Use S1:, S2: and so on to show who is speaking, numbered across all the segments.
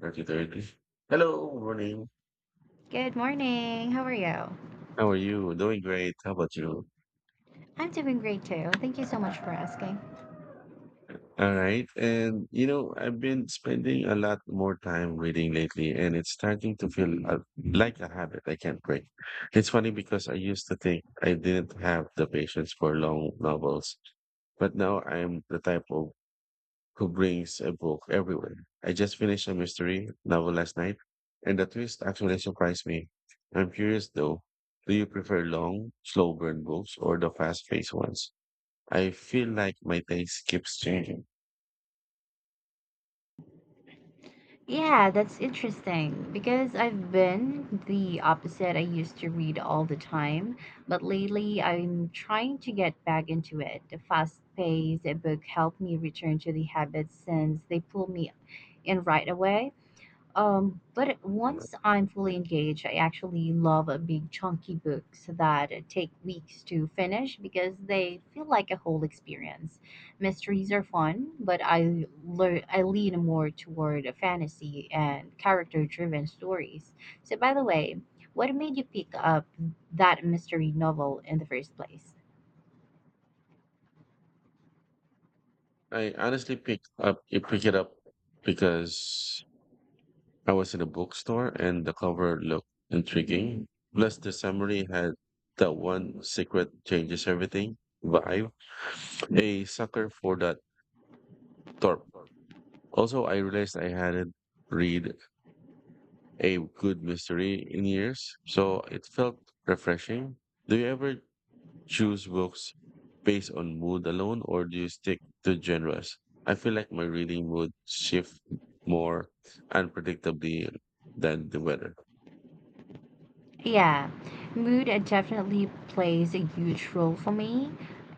S1: Thirty thirty. Hello, morning.
S2: Good morning. How are you?
S1: How are you? Doing great. How about you?
S2: I'm doing great too. Thank you so much for asking.
S1: All right. And you know, I've been spending a lot more time reading lately, and it's starting to feel like a habit I can't break. It's funny because I used to think I didn't have the patience for long novels, but now I'm the type of who brings a book everywhere. I just finished a mystery novel last night, and the twist actually surprised me. I'm curious though, do you prefer long, slow burn books or the fast paced ones? I feel like my taste keeps changing.
S2: Yeah, that's interesting because I've been the opposite. I used to read all the time, but lately I'm trying to get back into it. The fast paced book helped me return to the habits since they pull me in right away. But once I'm fully engaged, I actually love a big chunky books that take weeks to finish because they feel like a whole experience. Mysteries are fun, but I lean more toward a fantasy and character-driven stories. So by the way, what made you pick up that mystery novel in the first place?
S1: I honestly pick it up because I was in a bookstore and the cover looked intriguing. Plus the summary had that one secret changes everything vibe. A sucker for that torp. Also, I realized I hadn't read a good mystery in years, so it felt refreshing. Do you ever choose books based on mood alone, or do you stick to genres? I feel like my reading mood shift more unpredictably than the weather.
S2: Yeah, mood definitely plays a huge role for me.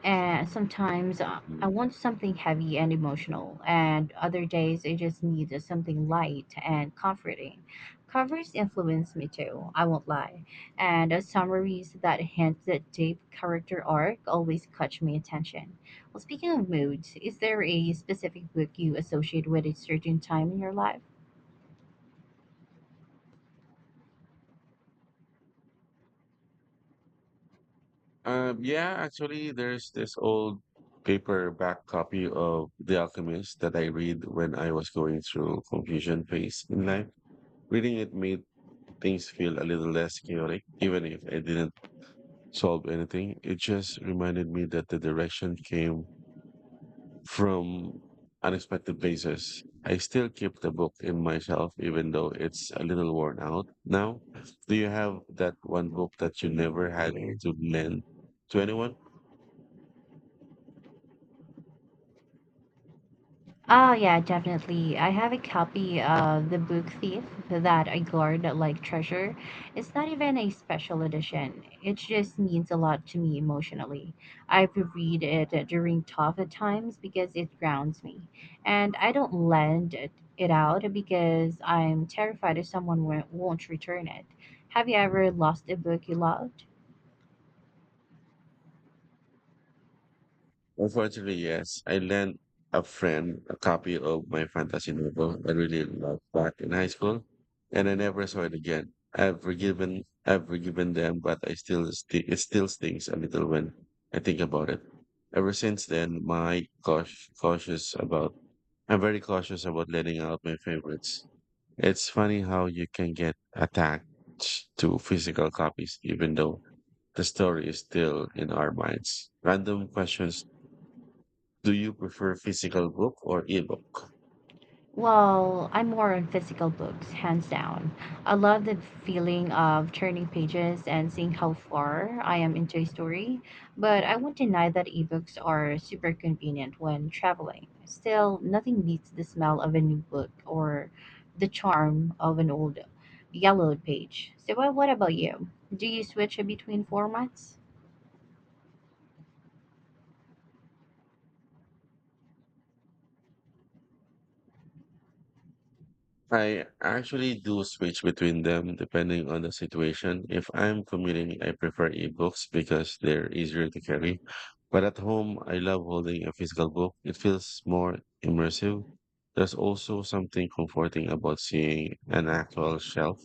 S2: And sometimes I
S1: Mm.
S2: want something heavy and emotional, and other days I just need something light and comforting. Covers influence me too, I won't lie. And summaries that hint that deep character arc always catch my attention. Well, speaking of moods, is there a specific book you associate with a certain time in your life?
S1: Yeah, actually, there's this old paperback copy of The Alchemist that I read when I was going through confusion phase in life. Reading it made things feel a little less chaotic. Even if I didn't solve anything, it just reminded me that the direction came from unexpected places. I still keep the book in myself, even though it's a little worn out now. Do you have that one book that you never had to lend to anyone?
S2: Ah, yeah, definitely. I have a copy of The Book Thief that I guard like treasure. It's not even a special edition. It just means a lot to me emotionally. I reread it during tough times because it grounds me. And I don't lend it out because I'm terrified if someone won't return it. Have you ever lost a book you loved?
S1: Unfortunately, yes. I lent a friend a copy of my fantasy novel I really loved back in high school, and I never saw it again. I've forgiven them, but it still stings a little when I think about it. Ever since then, my cautious, cautious about, I'm very cautious about letting out my favorites. It's funny how you can get attached to physical copies, even though the story is still in our minds. Random questions, do you prefer physical book or ebook?
S2: Well, I'm more on physical books, hands down. I love the feeling of turning pages and seeing how far I am into a story, but I won't deny that ebooks are super convenient when traveling. Still, nothing beats the smell of a new book or the charm of an old yellowed page. So, what about you? Do you switch between formats?
S1: I actually do switch between them depending on the situation. If I'm commuting, I prefer ebooks because they're easier to carry. But at home, I love holding a physical book. It feels more immersive. There's also something comforting about seeing an actual shelf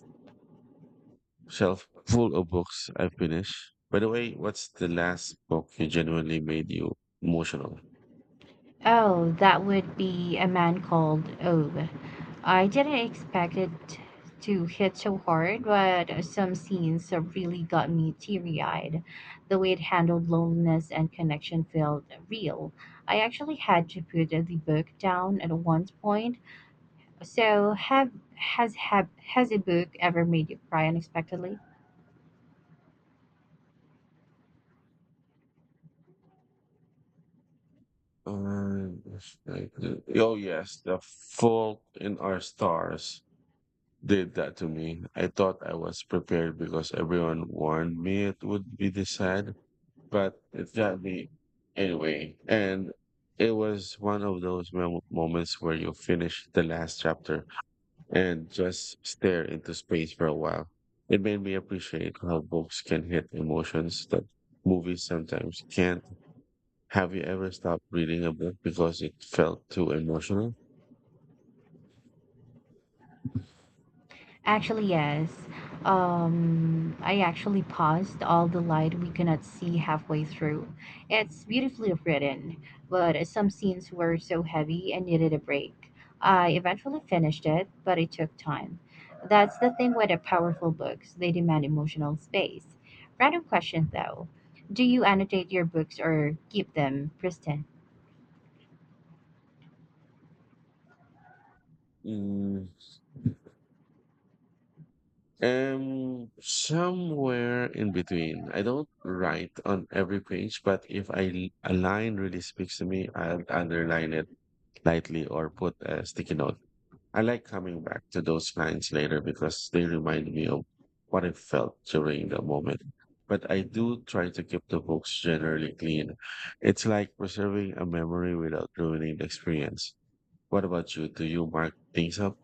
S1: shelf full of books I finished. By the way, what's the last book you genuinely made you emotional?
S2: Oh, that would be A Man Called Ove. I didn't expect it to hit so hard, but some scenes have really got me teary eyed. The way it handled loneliness and connection felt real. I actually had to put the book down at one point. So, have has a book ever made you cry unexpectedly?
S1: Uh, oh yes, The Fault in Our Stars did that to me. I thought I was prepared because everyone warned me it would be this sad, but it got me anyway. And it was one of those moments where you finish the last chapter and just stare into space for a while. It made me appreciate how books can hit emotions that movies sometimes can't. Have you ever stopped reading a book because it felt too emotional?
S2: Actually, yes. I actually paused all the light we could not see halfway through. It's beautifully written, but some scenes were so heavy and needed a break. I eventually finished it, but it took time. That's the thing with the powerful books, they demand emotional space. Random question though. Do you annotate your books or keep them pristine?
S1: Mm, Somewhere in between. I don't write on every page, but if a line really speaks to me, I'll underline it lightly or put a sticky note. I like coming back to those lines later because they remind me of what I felt during the moment. But I do try to keep the books generally clean. It's like preserving a memory without ruining the experience. What about you? Do you mark things up?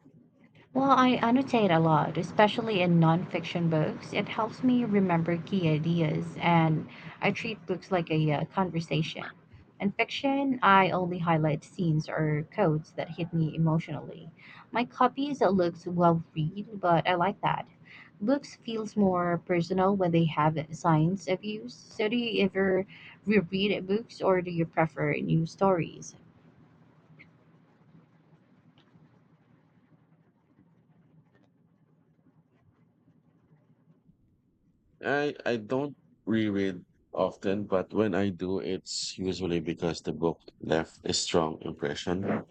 S2: Well, I annotate a lot, especially in nonfiction books. It helps me remember key ideas, and I treat books like a conversation. In fiction, I only highlight scenes or quotes that hit me emotionally. My copies looks well read, but I like that. Books feels more personal when they have signs of use. So do you ever reread books or do you prefer new stories?
S1: I don't reread often, but when I do, it's usually because the book left a strong impression.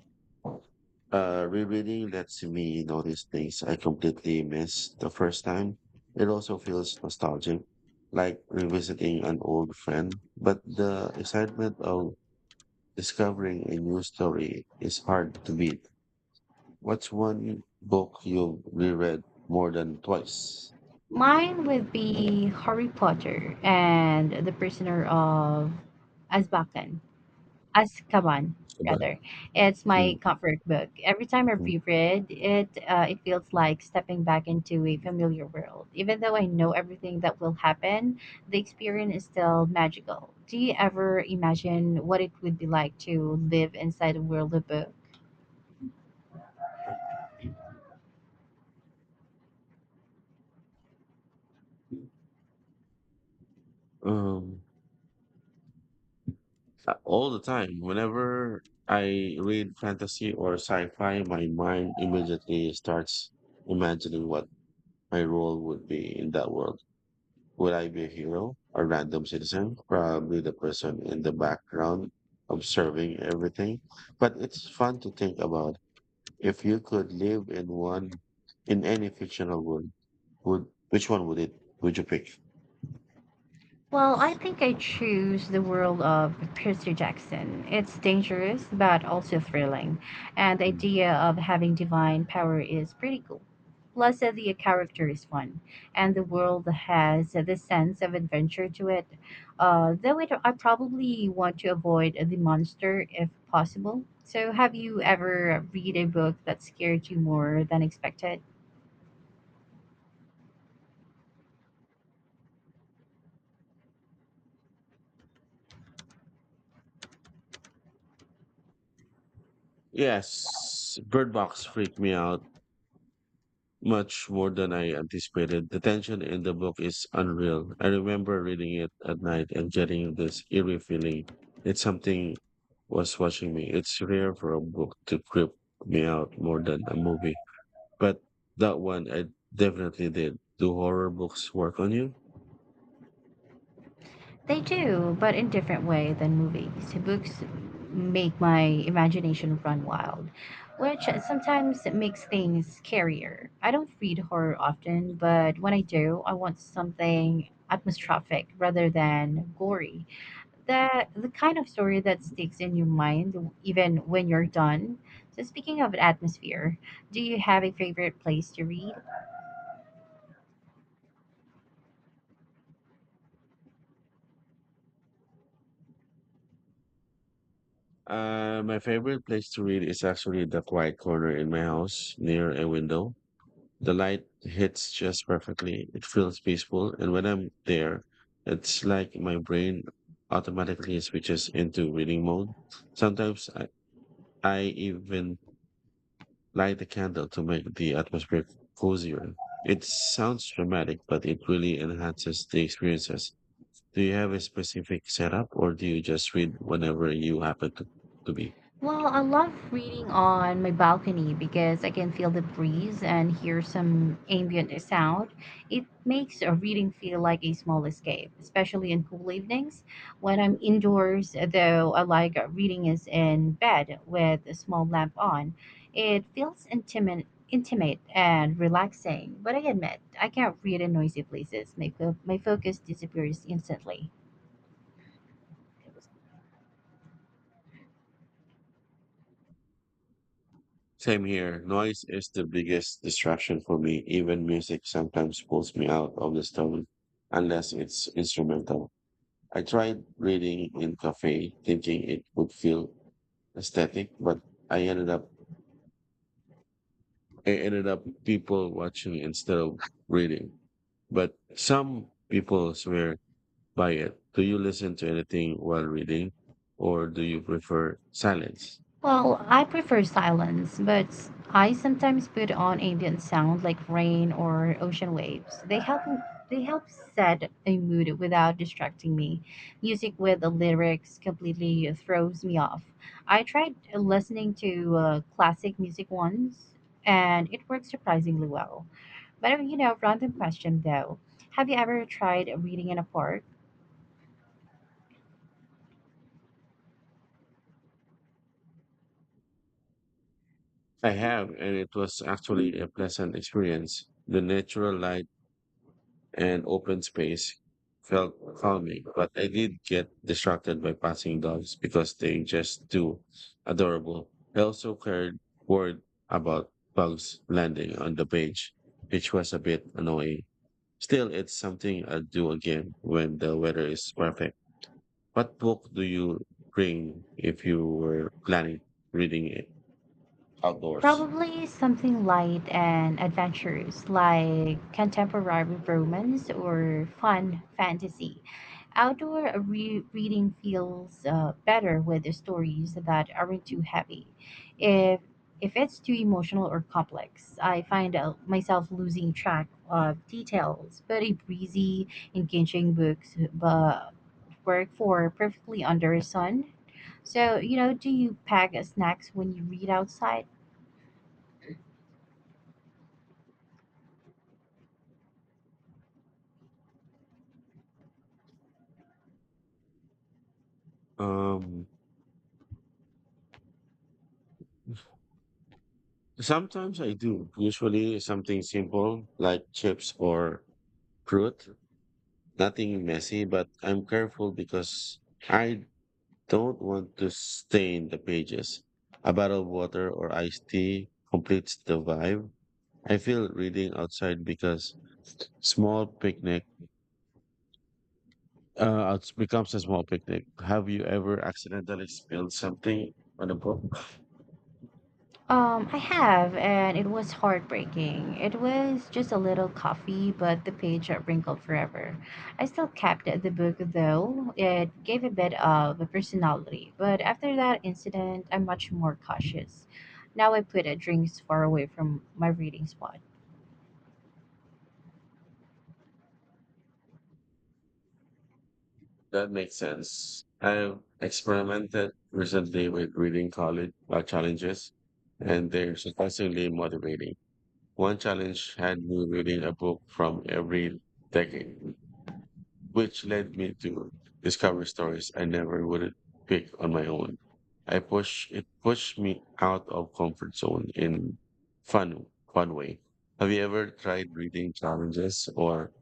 S1: Rereading lets me notice things I completely missed the first time. It also feels nostalgic, like revisiting an old friend. But the excitement of discovering a new story is hard to beat. What's one book you've reread more than twice?
S2: Mine would be Harry Potter and the Prisoner of Azkaban. Azkaban,
S1: About.
S2: rather. It's my
S1: Mm,
S2: comfort book. Every time I
S1: mhm.
S2: reread it, it feels like stepping back into a familiar world. Even though I know everything that will happen, the experience is still magical. Do you ever imagine what it would be like to live inside a world of books?
S1: Um, all the time. Whenever I read fantasy or sci-fi, my mind immediately starts imagining what my role would be in that world. Would I be a hero, a random citizen, probably the person in the background observing everything? But it's fun to think about. If you could live in one, in any fictional world, would which one would it would you pick?
S2: Well, I think I choose the world of Percy Jackson. It's dangerous, but also thrilling, and the idea of having divine power is pretty cool. Plus, the character is fun, and the world has this sense of adventure to it. I probably want to avoid the monster if possible. So, have you ever read a book that scared you more than expected?
S1: Yes, Bird Box freaked me out much more than I anticipated. The tension in the book is unreal. I remember reading it at night and getting this eerie feeling that something was watching me. It's rare for a book to creep me out more than a movie, but that one I definitely did. Do horror books work on you?
S2: They do, but in different way than movies. Books make my imagination run wild, which sometimes makes things scarier. I don't read horror often, but when I do, I want something atmospheric rather than gory. That the kind of story that sticks in your mind even when you're done. So speaking of atmosphere, do you have a favorite place to read?
S1: My favorite place to read is actually the quiet corner in my house near a window. The light hits just perfectly. It feels peaceful, and when I'm there, it's like my brain automatically switches into reading mode. Sometimes I even light a candle to make the atmosphere cozier. It sounds dramatic, but it really enhances the experiences. Do you have a specific setup, or do you just read whenever you happen to be?
S2: Well, I love reading on my balcony because I can feel the breeze and hear some ambient sound. It makes a reading feel like a small escape, especially in cool evenings. When I'm indoors, though, I like reading is in bed with a small lamp on. It feels intimate and relaxing. But I admit, I can't read in noisy places. My focus disappears instantly.
S1: Same here. Noise is the biggest distraction for me. Even music sometimes pulls me out of the stone, unless it's instrumental. I tried reading in cafe, thinking it would feel aesthetic, but I ended up I ended up people watching instead of reading. But some people swear by it. Do you listen to anything while reading, or do you prefer silence?
S2: Well, I prefer silence, but I sometimes put on ambient sound like rain or ocean waves. They help set a mood without distracting me. Music with the lyrics completely throws me off. I tried listening to classic music once, and it worked surprisingly well. But you know, random question though, have you ever tried reading in a park?
S1: I have, and it was actually a pleasant experience. The natural light and open space felt calming, but I did get distracted by passing dogs because they just too adorable. I also cared word about bugs landing on the page, which was a bit annoying. Still, it's something I'll do again when the weather is perfect. What book do you bring if you were planning reading it outdoors?
S2: Probably something light and adventurous, like contemporary romance or fun fantasy. Outdoor reading feels better with the stories that aren't too heavy. If if it's too emotional or complex, I find myself losing track of details. But a breezy, engaging books but work for perfectly under a sun. So you know, do you pack snacks when you read outside?
S1: Um, Sometimes I do. Usually something simple like chips or fruit. Nothing messy, but I'm careful because I don't want to stain the pages. A bottle of water or iced tea completes the vibe. I feel reading outside because small picnic It becomes a small picnic. Have you ever accidentally spilled something on a book?
S2: I have, and it was heartbreaking. It was just a little coffee, but the page got wrinkled forever. I still kept the book, though. It gave a bit of a personality, but after that incident, I'm much more cautious. Now I put drinks far away from my reading spot.
S1: That makes sense. I have experimented recently with reading college challenges, and they're surprisingly motivating. One challenge had me reading a book from every decade, which led me to discover stories I never would pick on my own. I push it pushed me out of comfort zone in fun fun way. Have you ever tried reading challenges or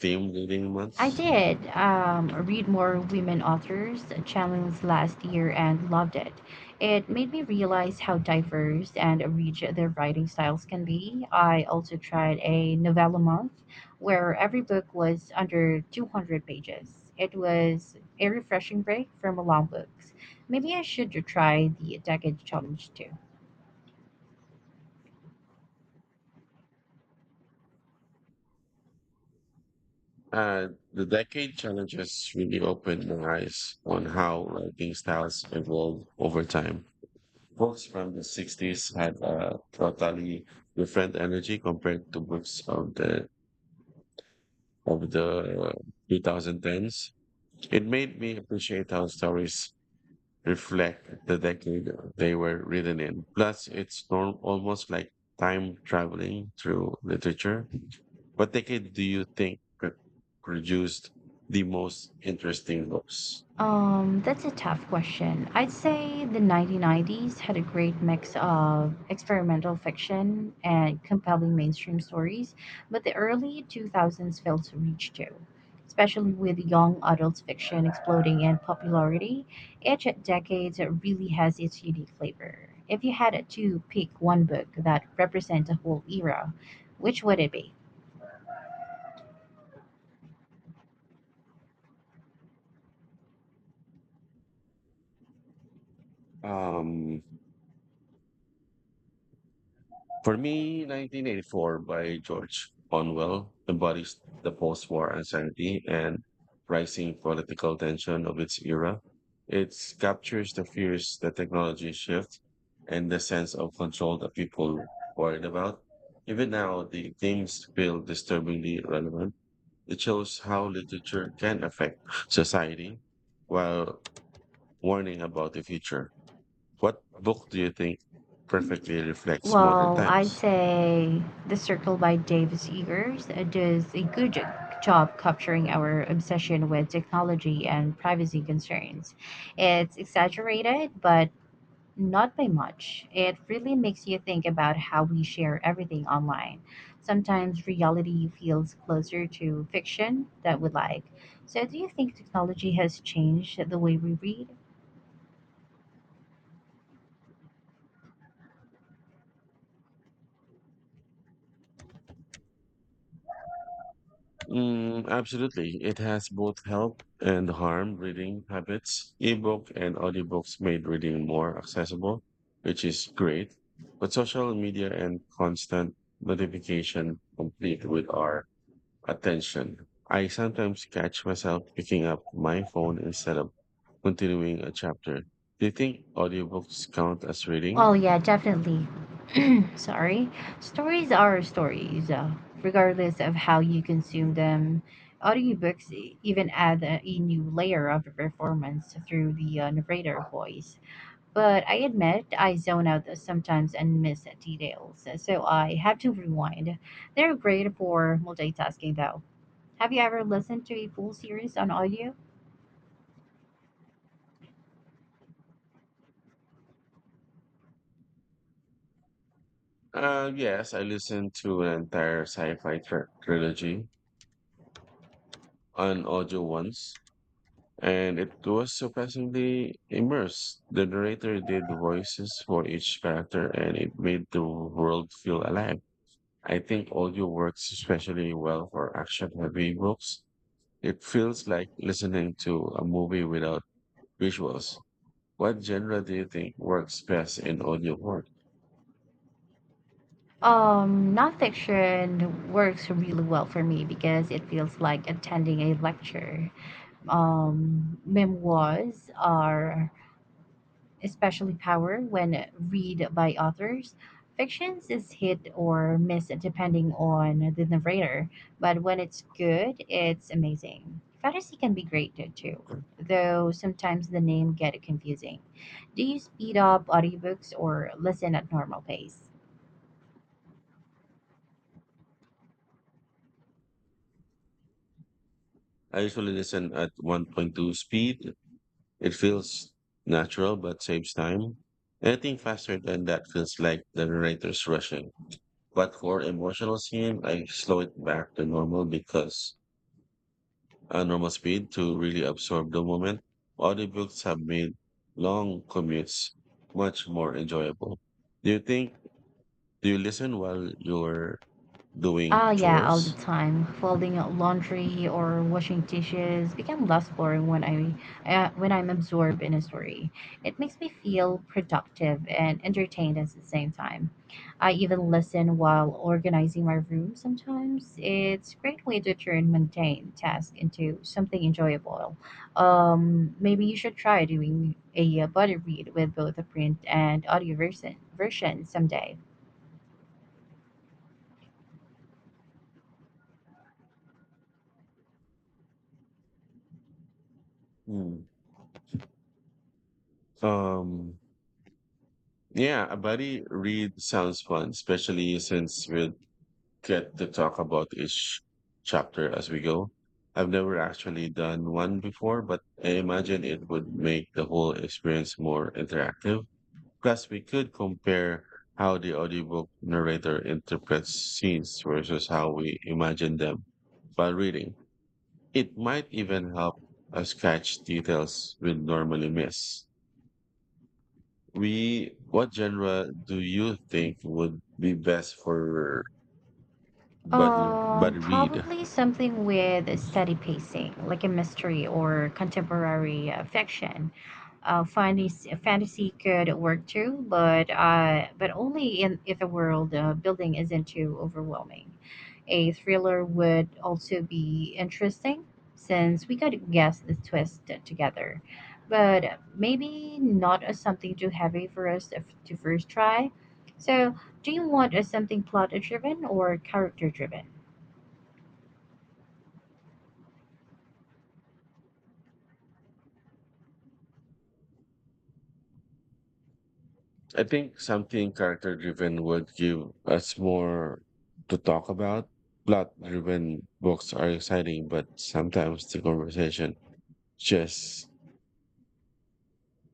S1: themed reading
S2: I
S1: months?
S2: did read more women authors challenge last year and loved it. It made me realize how diverse and rich their writing styles can be. I also tried a novella month where every book was under 200 pages. It was a refreshing break from long books. Maybe I should try the decade challenge too.
S1: And the decade challenges really opened my eyes on how writing styles evolved over time. Books from the 60s had a totally different energy compared to books of the 2010s. It made me appreciate how stories reflect the decade they were written in. Plus, almost like time traveling through literature. What decade do you think produced the most interesting books?
S2: That's a tough question. I'd say the 1990s had a great mix of experimental fiction and compelling mainstream stories, but the early 2000s failed to reach too, especially with young adult fiction exploding in popularity. Each decade really has its unique flavor. If you had to pick one book that represents a whole era, which would it be?
S1: Um, for me, 1984 by George Orwell embodies the post-war anxiety and rising political tension of its era. It captures the fears that technology shift and the sense of control that people worried about. Even now, the themes feel disturbingly relevant. It shows how literature can affect society while warning about the future. What book do you think perfectly reflects modern
S2: Well, I'd
S1: times?
S2: say The Circle by Davis Eggers does a good job capturing our obsession with technology and privacy concerns. It's exaggerated, but not by much. It really makes you think about how we share everything online. Sometimes reality feels closer to fiction that we like. So, do you think technology has changed the way we read?
S1: Absolutely. It has both help and harm reading habits. Ebook and audiobooks made reading more accessible, which is great. But social media and constant notification complete with our attention. I sometimes catch myself picking up my phone instead of continuing a chapter. Do you think audiobooks count as reading?
S2: Well, yeah, definitely. Sorry, stories are stories, regardless of how you
S1: Mm.
S2: consume them. Audiobooks even add a new layer of performance through the narrator voice. But I admit I zone out sometimes and miss details, so I have to rewind. They're great for multitasking, though. Have you ever listened to a full series on audio?
S1: Yes, I listened to an entire trilogy on audio once, and it was surprisingly immersed. The narrator did voices for each character, and it made the world feel alive. I think audio works especially well for action-heavy books. It feels like listening to a movie without visuals. What genre do you think works best in audio work?
S2: Nonfiction works really well for me because it feels like attending a lecture. Um, memoirs are especially power when read by authors. Fictions is hit or miss depending on the narrator, but when it's good, it's amazing. Fantasy can be great too, though sometimes the name get confusing. Do you speed up audiobooks or listen at normal pace?
S1: I usually listen at 1.2 speed. It feels natural but saves time. Anything faster than that feels like the narrator's rushing. But for emotional scene, I slow it back to normal because normal speed to really absorb the moment. Audiobooks have made long commutes much more enjoyable. Do you think do you listen while you're doing
S2: Ah yeah, all the
S1: chores?
S2: time. Folding out laundry or washing dishes become less boring when I'm absorbed in a story. It makes me feel productive and entertained at the same time. I even listen while organizing my room sometimes. It's a great way to turn mundane tasks into something enjoyable. Maybe you should try doing a buddy read with both a print and audio version someday.
S1: Hmm. Um, Yeah, a buddy read sounds fun, especially since we'll get to talk about each chapter as we go. I've never actually done one before, but I imagine it would make the whole experience more interactive. Plus, we could compare how the audiobook narrator interprets scenes versus how we imagine them while reading. It might even help us catch details we'd normally miss. We what genre do you think would be best for buddy buddy read?
S2: Probably something with steady pacing, like a mystery or contemporary fiction fantasy could work too, but only in if the world building isn't too overwhelming. A thriller would also be interesting since we could guess the twist together, but maybe not as something too heavy for us to first try. So, do you want a something plot driven or character driven?
S1: I think something character driven would give us more to talk about. Plot driven books are exciting, but sometimes the conversation just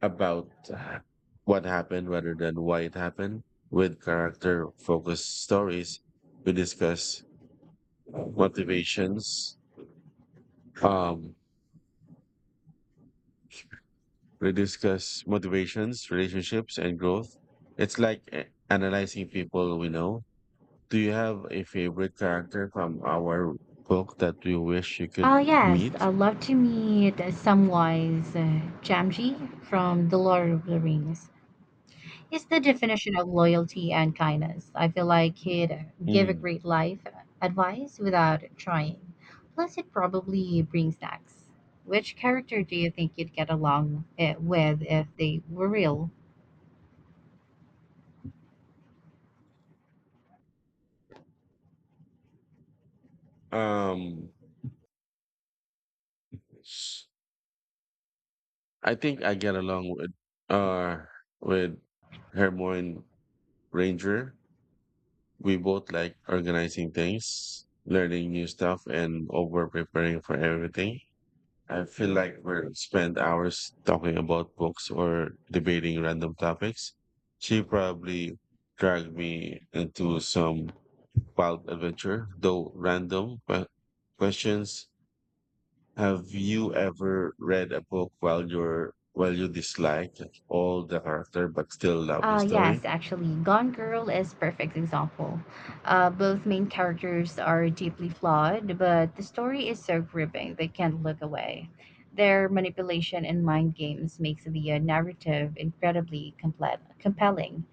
S1: about what happened rather than why it happened. With character focused stories, we discuss motivations, um, we discuss motivations, relationships, and growth. It's like analyzing people we know. Do you have a favorite character from our book that you wish you
S2: Oh,
S1: could
S2: yes,
S1: meet?
S2: I'd love to meet Samwise Gamgee from The Lord of the Rings. Is the definition of loyalty and kindness. I feel like he'd give a
S1: Mm.
S2: great life advice without trying. Plus, it probably brings snacks. Which character do you think you'd get along with if they were real?
S1: Um, s- I think I get along uh with Hermione Ranger. We both like organizing things, learning new stuff, and over preparing for everything. I feel like we spend hours talking about books or debating random topics. She probably dragged me into some wild adventure, though random questions. Have you ever read a book while you're while you dislike all the character but still love the
S2: Yes,
S1: story?
S2: actually, Gone Girl is perfect example. Both main characters are deeply flawed, but the story is so gripping they can't look away. Their manipulation and mind games makes the narrative incredibly compelling.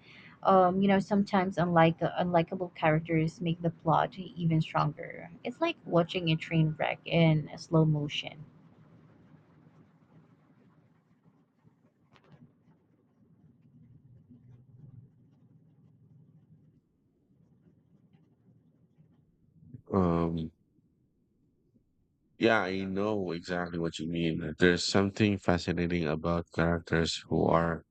S2: You know, sometimes unlike unlikable characters make the plot even stronger. It's like watching a train wreck in slow motion.
S1: Um, yeah, I know exactly what you mean. There's something fascinating about characters who are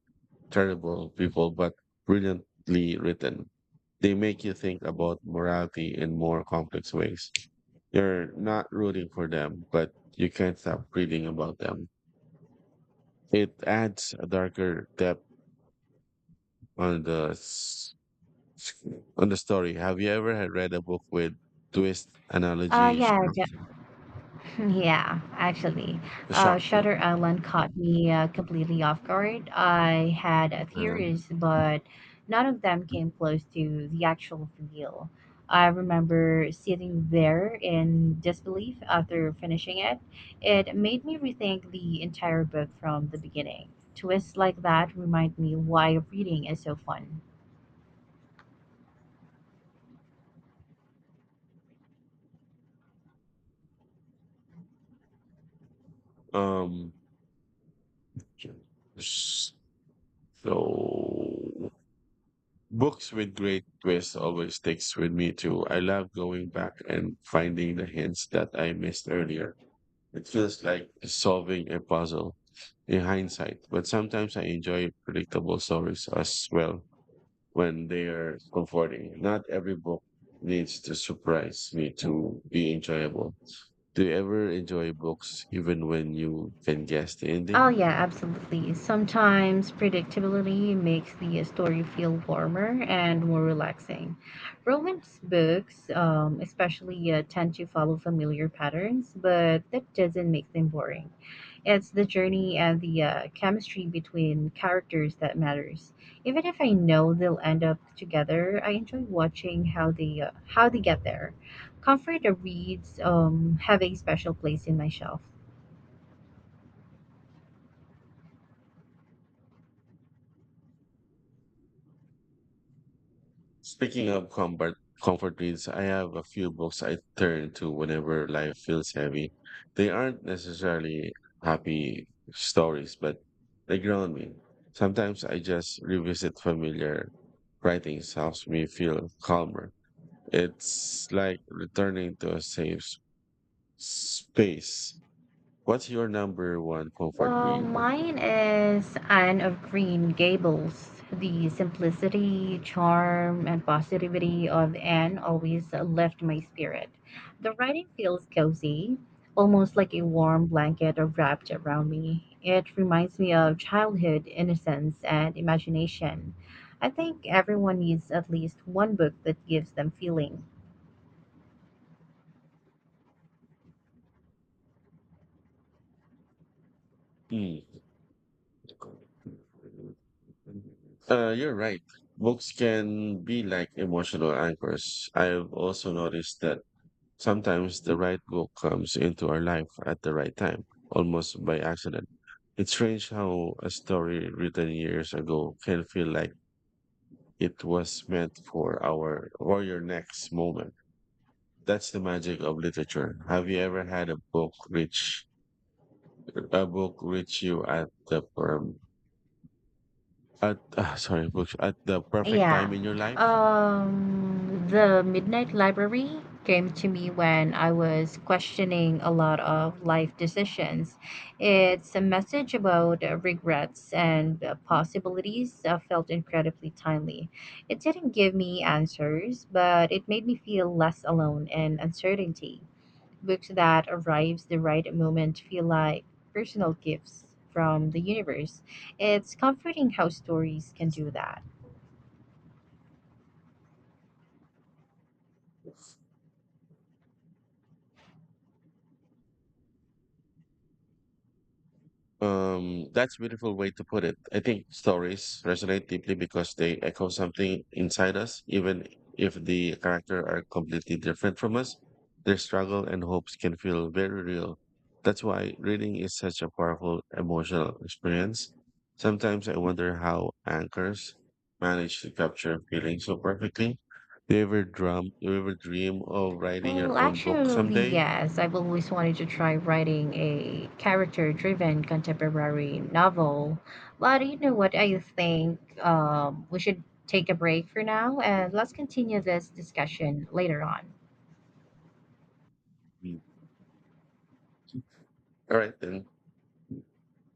S1: terrible people but brilliantly written. They make you think about morality in more complex ways. You're not rooting for them, but you can't stop reading about them. It adds a darker depth on the s- on the story. Have you ever had read a book with twist analogy
S2: Yeah,
S1: shock,
S2: yeah, actually,
S1: shock you?
S2: Shutter Island caught me completely off guard. I had
S1: Uh,
S2: theories, but none of them came close to the actual reveal. I remember sitting there in disbelief after finishing it. It made me rethink the entire book from the beginning. Twists like that remind me why reading is so fun.
S1: um So books with great twists always sticks with me too. I love going back and finding the hints that I missed earlier. It feels like solving a puzzle in hindsight, but sometimes I enjoy predictable stories as well when they are comforting. Not every book needs to surprise me to be enjoyable. Do you ever enjoy books even when you can guess the
S2: Oh,
S1: ending?
S2: yeah, absolutely. Sometimes predictability makes the story feel warmer and more relaxing. Romance books, especially, tend to follow familiar patterns, but that doesn't make them boring. It's the journey and the chemistry between characters that matters. Even if I know they'll end up together, I enjoy watching how they get there. Comfort reads have a special place in my shelf.
S1: Speaking of comfort reads, I have a few books I turn to whenever life feels heavy. They aren't necessarily happy stories, but they ground me. Sometimes I just revisit familiar writings helps me feel calmer. It's like returning to a space. What's your number one comfort
S2: Well,
S1: read?
S2: mine is Anne of Green Gables. The simplicity, charm, and positivity of Anne always left my spirit. The writing feels cozy, almost like a warm blanket wrapped around me. It reminds me of childhood innocence and imagination. I think everyone needs at least one book that gives them feeling.
S1: Mm. You're right. Books can be like emotional anchors. I've also noticed that sometimes the right book comes into our life at the right time, almost by accident. It's strange how a story written years ago can feel like it was meant for our or your next moment. That's the magic of literature. Have you ever had a book reach you at the per at ah, sorry book at the perfect
S2: Yeah.
S1: time in your life?
S2: The Midnight Library came to me when I was questioning a lot of life decisions. It's a message about regrets and possibilities felt incredibly timely. It didn't give me answers, but it made me feel less alone in uncertainty. Books that arrives the right moment feel like personal gifts from the universe. It's comforting how stories can do that.
S1: That's a beautiful way to put it. I think stories resonate deeply because they echo something inside us, even if the character are completely different from us. Their struggle and hopes can feel very real. That's why reading is such a powerful emotional experience. Sometimes I wonder how anchors manage to capture feelings so perfectly. Do you ever dream of writing your
S2: Well,
S1: own book
S2: actually,
S1: someday?
S2: yes. I've always wanted to try writing a character-driven contemporary novel. But you know what? I think we should take a break for now and let's continue this discussion later on.
S1: Mm. All right then.